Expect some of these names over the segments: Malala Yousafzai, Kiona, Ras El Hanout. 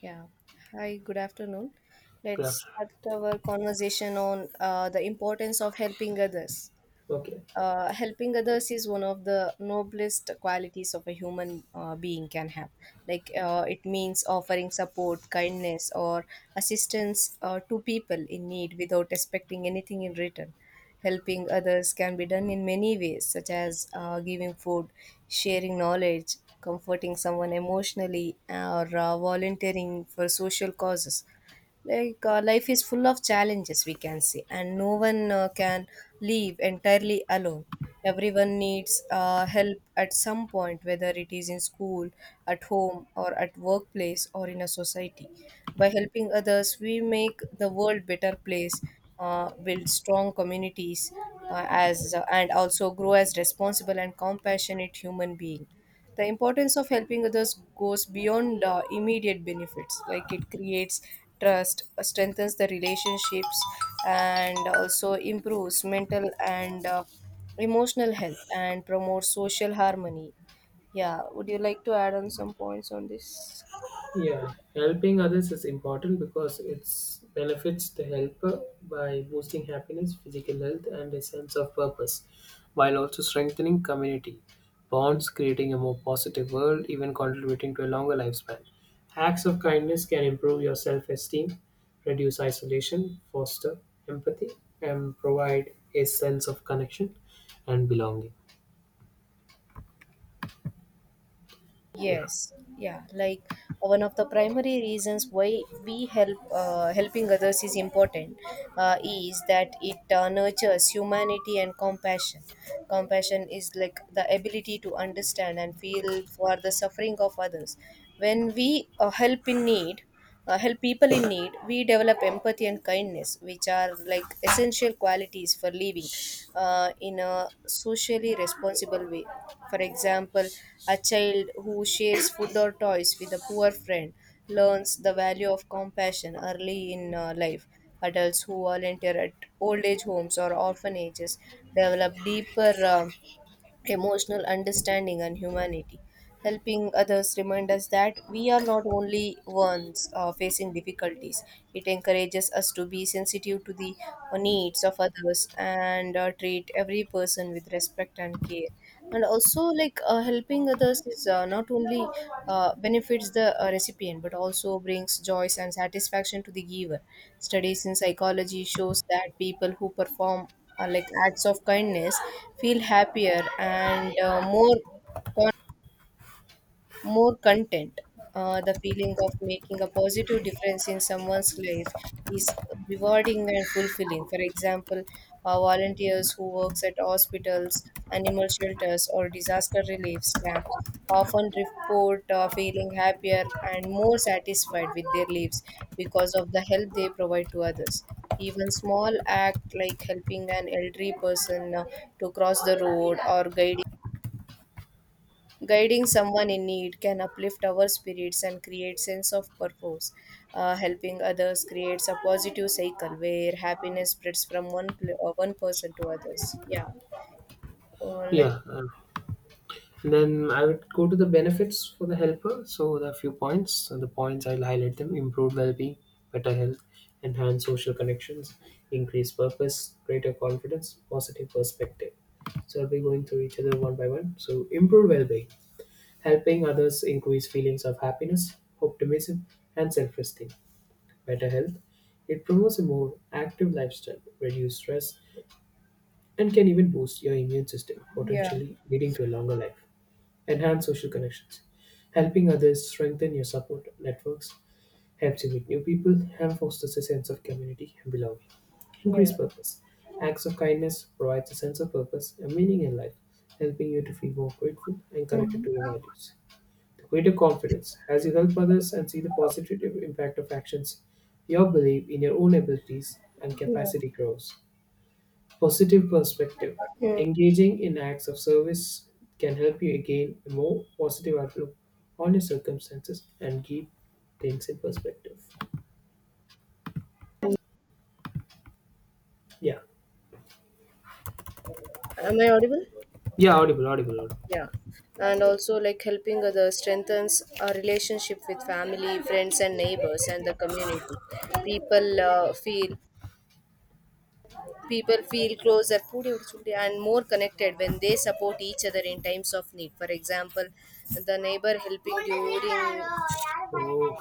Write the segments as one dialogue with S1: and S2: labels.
S1: Yeah. Hi, good afternoon.
S2: Good
S1: Let's
S2: afternoon.
S1: start our conversation on the importance of helping others.
S2: Okay.
S1: Helping others is one of the noblest qualities of a human being can have. It means offering support, kindness, or assistance to people in need without expecting anything in return. Helping others can be done in many ways, such as giving food, sharing knowledge, comforting someone emotionally, or volunteering for social causes. Life is full of challenges, we can say, and no one can live entirely alone. Everyone needs help at some point, whether it is in school, at home, or at workplace, or in a society. By helping others, we make the world better place, build strong communities, as and also grow as responsible and compassionate human being. The importance of helping others goes beyond immediate benefits, like it creates trust, strengthens the relationships, and also improves mental and emotional health, and promotes social harmony. Yeah, would you like to add on some points on this?
S2: Yeah, helping others is important because it benefits the helper by boosting happiness, physical health, and a sense of purpose, while also strengthening community bonds, creating a more positive world, even contributing to a longer lifespan. Acts of kindness can improve your self esteem, reduce isolation, foster empathy, and provide a sense of connection and belonging. Yeah,
S1: Yes, yeah, like one of the primary reasons why we help helping others is important is that it nurtures humanity and compassion. Compassion is like the ability to understand and feel for the suffering of others. When we help people in need, we develop empathy and kindness, which are like essential qualities for living in a socially responsible way. For example, a child who shares food or toys with a poor friend learns the value of compassion early in life. Adults who volunteer at old age homes or orphanages develop deeper emotional understanding and humanity. Helping others remind us that we are not only ones facing difficulties. It encourages us to be sensitive to the needs of others and treat every person with respect and care. And also, like helping others is not only benefits the recipient, but also brings joy and satisfaction to the giver. Studies in psychology shows that people who perform acts of kindness feel happier and more content. The feeling of making a positive difference in someone's life is rewarding and fulfilling. For example, volunteers who works at hospitals, animal shelters, or disaster relief camps often report feeling happier and more satisfied with their lives because of the help they provide to others. Even small act like helping an elderly person to cross the road, or guiding guiding someone in need can uplift our spirits and create sense of purpose. Helping others creates a positive cycle where happiness spreads from one person to others. Yeah, or like.
S2: yeah. Then I would go to the benefits for the helper. So there are a few points, and the points I'll highlight them: improved well-being, better health, enhanced social connections, increased purpose, greater confidence, positive perspective. So I'll be going through each other one by one. So improved well-being, helping others increase feelings of happiness, optimism, and self-esteem. Better health, it promotes a more active lifestyle, reduce stress, and can even boost your immune system,
S1: Yeah.
S2: potentially leading to a longer life. Enhance social connections. Helping others strengthen your support networks, helps you meet new people, and fosters a sense of community and belonging.
S1: Yeah.
S2: Increase purpose. Acts of kindness provides a sense of purpose and meaning in life, helping you to feel more grateful and connected to your
S1: Mhm.
S2: values. Greater confidence. As you help others and see the positive impact of actions, your belief in your own abilities and
S1: Yeah.
S2: capacity grows. Positive perspective.
S1: Mm.
S2: Engaging in acts of service can help you gain a more positive outlook on your circumstances and keep things in perspective. Yeah.
S1: Am I audible?
S2: Yeah, audible, audible,
S1: Yeah.
S2: audible.
S1: And also, like helping others strengthens our relationship with family, friends, and neighbors, and the community. People uh, feel People feel closer pudi udichundi and more connected when they support each other in times of need. For example, the neighbor helping during.
S2: Oh,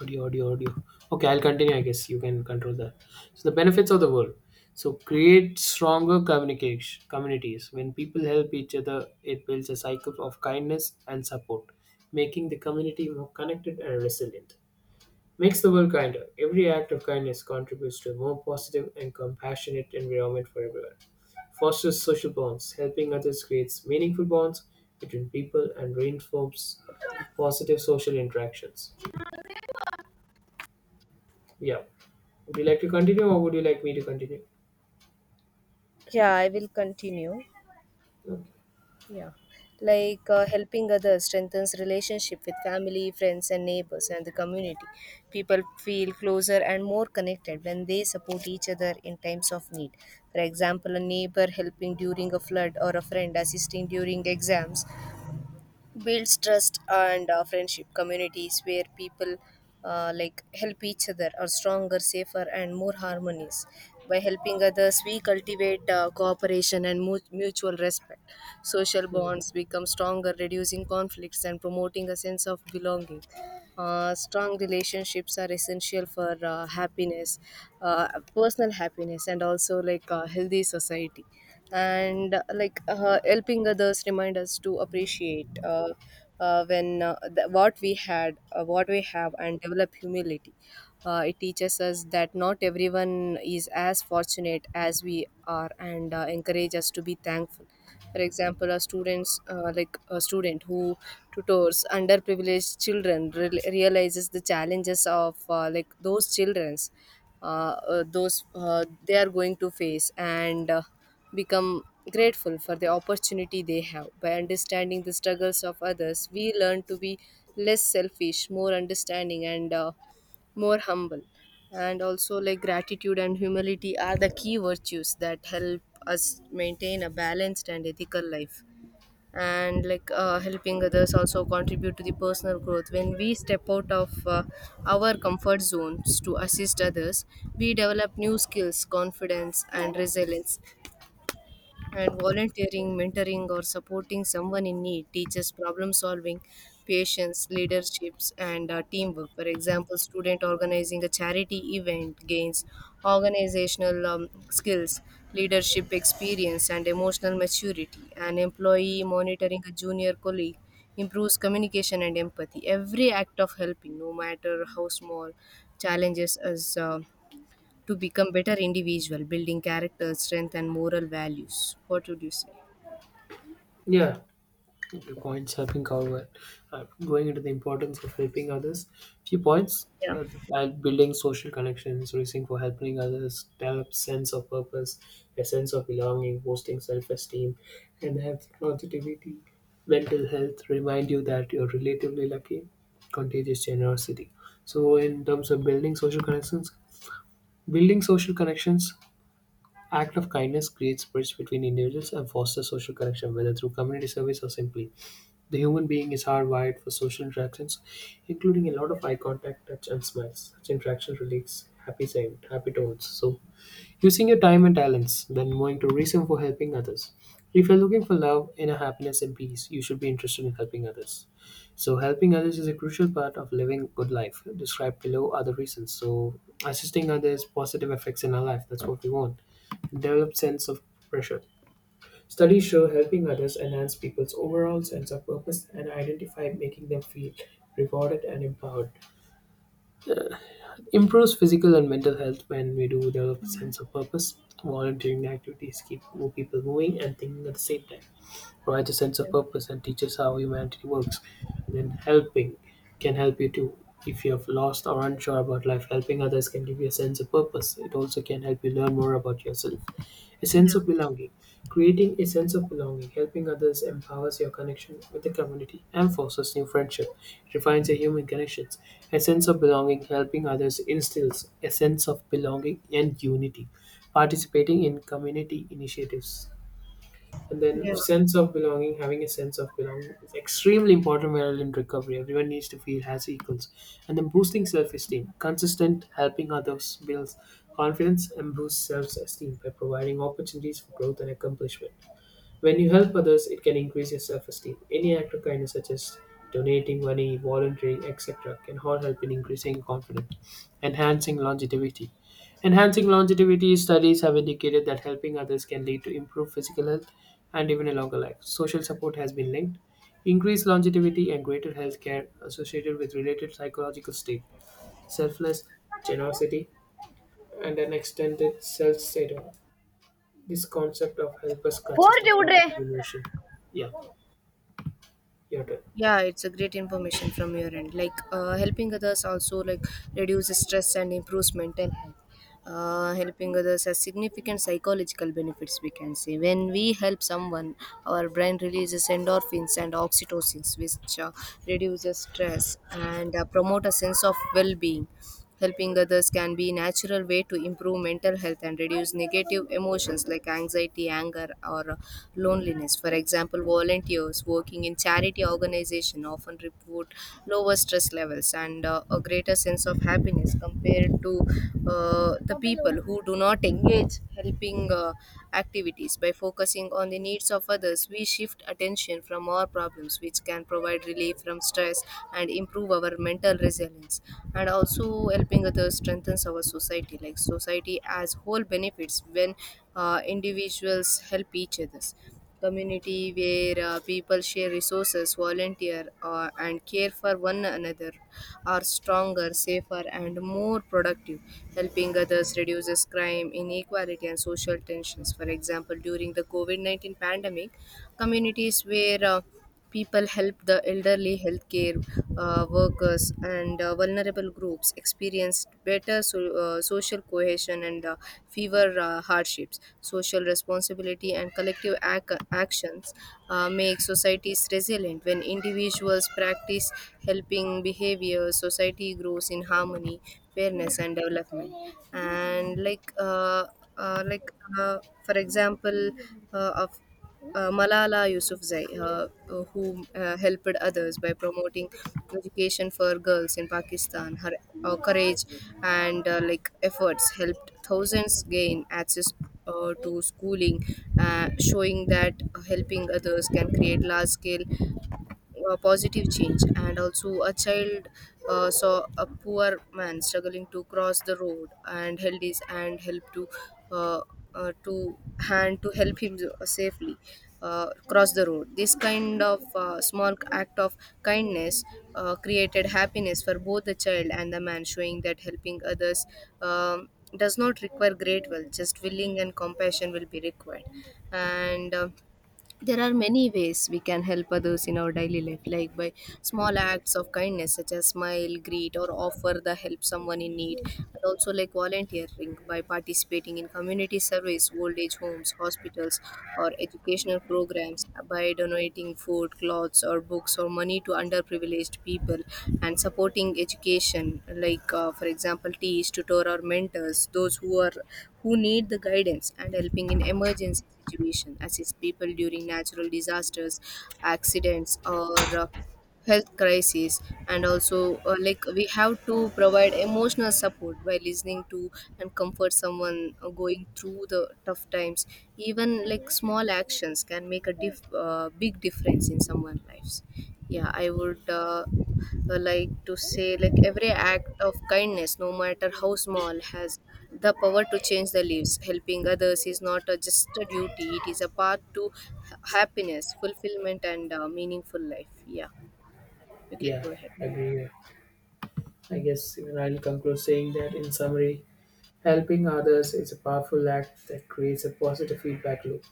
S2: audio, audio, audio. Okay, I'll continue. I guess you can control that. So, the benefits of the world. So, create stronger communication communities. When people help each other, it builds a cycle of kindness and support, making the community more connected and resilient. Makes the world kinder. Every act of kindness contributes to a more positive and compassionate environment for everyone, fosters social bonds, helping others creates meaningful bonds between people, and reinforces positive social interactions. Yeah. Would you like to continue or would you like me to continue?
S1: Yeah, I will continue.
S2: Okay.
S1: Yeah, helping others strengthens relationship with family, friends, and neighbors, and the community. People feel closer and more connected when they support each other in times of need. For example, a neighbor helping during a flood or a friend assisting during exams builds trust and friendship. Communities where people help each other are stronger, safer, and more harmonious. By helping others, we cultivate cooperation and mutual respect. Social
S2: Hmm.
S1: bonds become stronger, reducing conflicts and promoting a sense of belonging. Strong relationships are essential for happiness, uh, personal happiness, and also like a healthy society. And like Helping others remind us to appreciate what we had what we have and develop humility. It teaches us that not everyone is as fortunate as we are, and encourage us to be thankful. For example, a student who tutors underprivileged children realizes the challenges of those childrens, those they are going to face and become grateful for the opportunity they have. By understanding the struggles of others, we learn to be less selfish, more understanding, and more humble. And also, like gratitude and humility are the key virtues that help us maintain a balanced and ethical life. And helping others also contribute to the personal growth. When we step out of our comfort zones to assist others, we develop new skills, confidence, and resilience. And volunteering, mentoring, or supporting someone in need teaches problem solving, patience, leaderships, and teamwork. For example, student organizing a charity event gains organizational skills, leadership experience, and emotional maturity. An employee monitoring a junior colleague improves communication and empathy. Every act of helping, no matter how small, challenges us to become better individual, building character, strength, and moral values. What would you say?
S2: Yeah, few points helping cover, going into the importance of helping others, few points,
S1: Yeah.
S2: like building social connections, reaching for helping others, develop sense of purpose, a sense of belonging, boosting self-esteem, and have positivity, mental health, remind you that you're relatively lucky, contagious generosity. So in terms of building social connections, building social connections, act of kindness creates bridge between individuals and fosters social connection, whether through community service or simply the human being is hardwired for social interactions, including a lot of eye contact, touch, and smiles. Such interactions release happy sound, happy tones. So, using your time and talents, then going to reason for helping others. If you're looking for love, inner happiness, and peace, you should be interested in helping others. So, helping others is a crucial part of living a good life. Described below are the reasons. So, assisting others, positive effects in our life. That's what we want. Develop sense of pressure. Studies show helping others enhance people's overall sense of purpose and identify, making them feel rewarded and empowered. Improves physical and mental health when we do develop a sense of purpose. Volunteering activities keep people moving and thinking at the same time. Provides a sense of purpose and teaches how humanity works. And then helping can help you too. If you have lost or unsure about life, helping others can give you a sense of purpose. It also can help you learn more about yourself. A sense
S1: Yeah,
S2: of belonging. Creating a sense of belonging, helping others empowers your connection with the community and fosters new friendship, refines your human connections. A sense of belonging, helping others instills a sense of belonging and unity. Participating in community initiatives, and
S1: yeah.
S2: then sense of belonging, having a sense of belonging is extremely important while in recovery, everyone needs to feel as equals. And then boosting self-esteem, consistent helping others builds confidence and boosts self-esteem by providing opportunities for growth and accomplishment. When you help others, it can increase your self esteem. Any act of kindness, such as donating money, volunteering, etc., can all help in increasing confidence. Enhancing longevity. Enhancing longevity studies have indicated that helping others can lead to improved physical health and even a longer life. Social support has been linked. Increased longevity and greater health care associated with related psychological state, selfless generosity, and an extended self-satisfaction. This concept of help us
S1: Four
S2: consists of
S1: children.
S2: multiple emotion. Yeah. Your turn.
S1: Yeah, it's a great information from your end. Helping others also like reduces stress and improves mental health. Helping others has significant psychological benefits, we can say. When we help someone, our brain releases endorphins and oxytocins, which reduces stress and promote a sense of well-being. Helping others can be a natural way to improve mental health and reduce negative emotions like anxiety, anger, or loneliness. For example, volunteers working in charity organizations often report lower stress levels and a greater sense of happiness compared to the people who do not engage helping activities. By focusing on the needs of others, we shift attention from our problems, which can provide relief from stress and improve our mental resilience. And also, helping others strengthens our society. Like society as whole benefits when individuals help each others. Community where people share resources, volunteer, and care for one another are stronger, safer, and more productive. Helping others reduces crime, inequality, and social tensions. For example, during the covid-19 pandemic, communities where people help the elderly, healthcare workers, and vulnerable groups experienced better social cohesion and fewer hardships. Social responsibility and collective actions make societies resilient. When individuals practice helping behavior, society grows in harmony, fairness, and development. And like uh, for example of Malala Yousafzai, who helped others by promoting education for girls in Pakistan. Her courage and efforts helped thousands gain access to schooling, showing that helping others can create large scale positive change. And also, a child saw a poor man struggling to cross the road and held his uh, uh, to hand to help him safely cross the road. This kind of small act of kindness created happiness for both the child and the man, showing that helping others um, does not require great wealth, just willing and compassion will be required. And There are many ways we can help others in our daily life, like by small acts of kindness such as smile, greet, or offer the help someone in need, and also like volunteering by participating in community service, old age homes, hospitals, or educational programs, by donating food, clothes, or books, or money to underprivileged people, and supporting education like for example teach, tutor, or mentors those who need the guidance, and helping in emergencies situation, assist people during natural disasters, accidents, or health crises. And also like we have to provide emotional support by listening to and comfort someone going through the tough times. Even like small actions can make a big difference in someone's lives. Yeah, I would like to say like every act of kindness, no matter how small, has the power to change the lives. Helping others is not a, just a duty, it is a path to happiness, fulfillment, and meaningful life. Yeah, you can
S2: Yeah,
S1: go ahead.
S2: agree. I guess even I'll conclude saying that in summary, helping others is a powerful act that creates a positive feedback loop.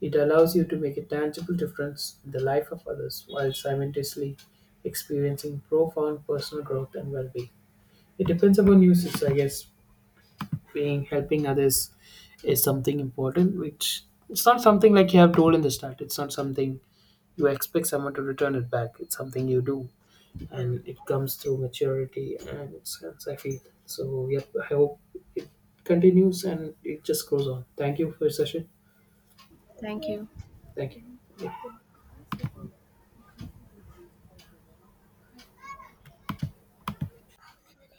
S2: It allows you to make a tangible difference in the life of others while simultaneously experiencing profound personal growth and well being. It depends upon usage, I guess. Being helping others is something important, which it's not something like you have told in the start. It's not something you expect someone to return it back. It's something you do
S1: Yeah.
S2: and it comes through maturity and sense. I feel. So, yep, I hope it continues and it just goes on. Thank you for your session.
S1: Thank you.
S2: Thank you. Yep.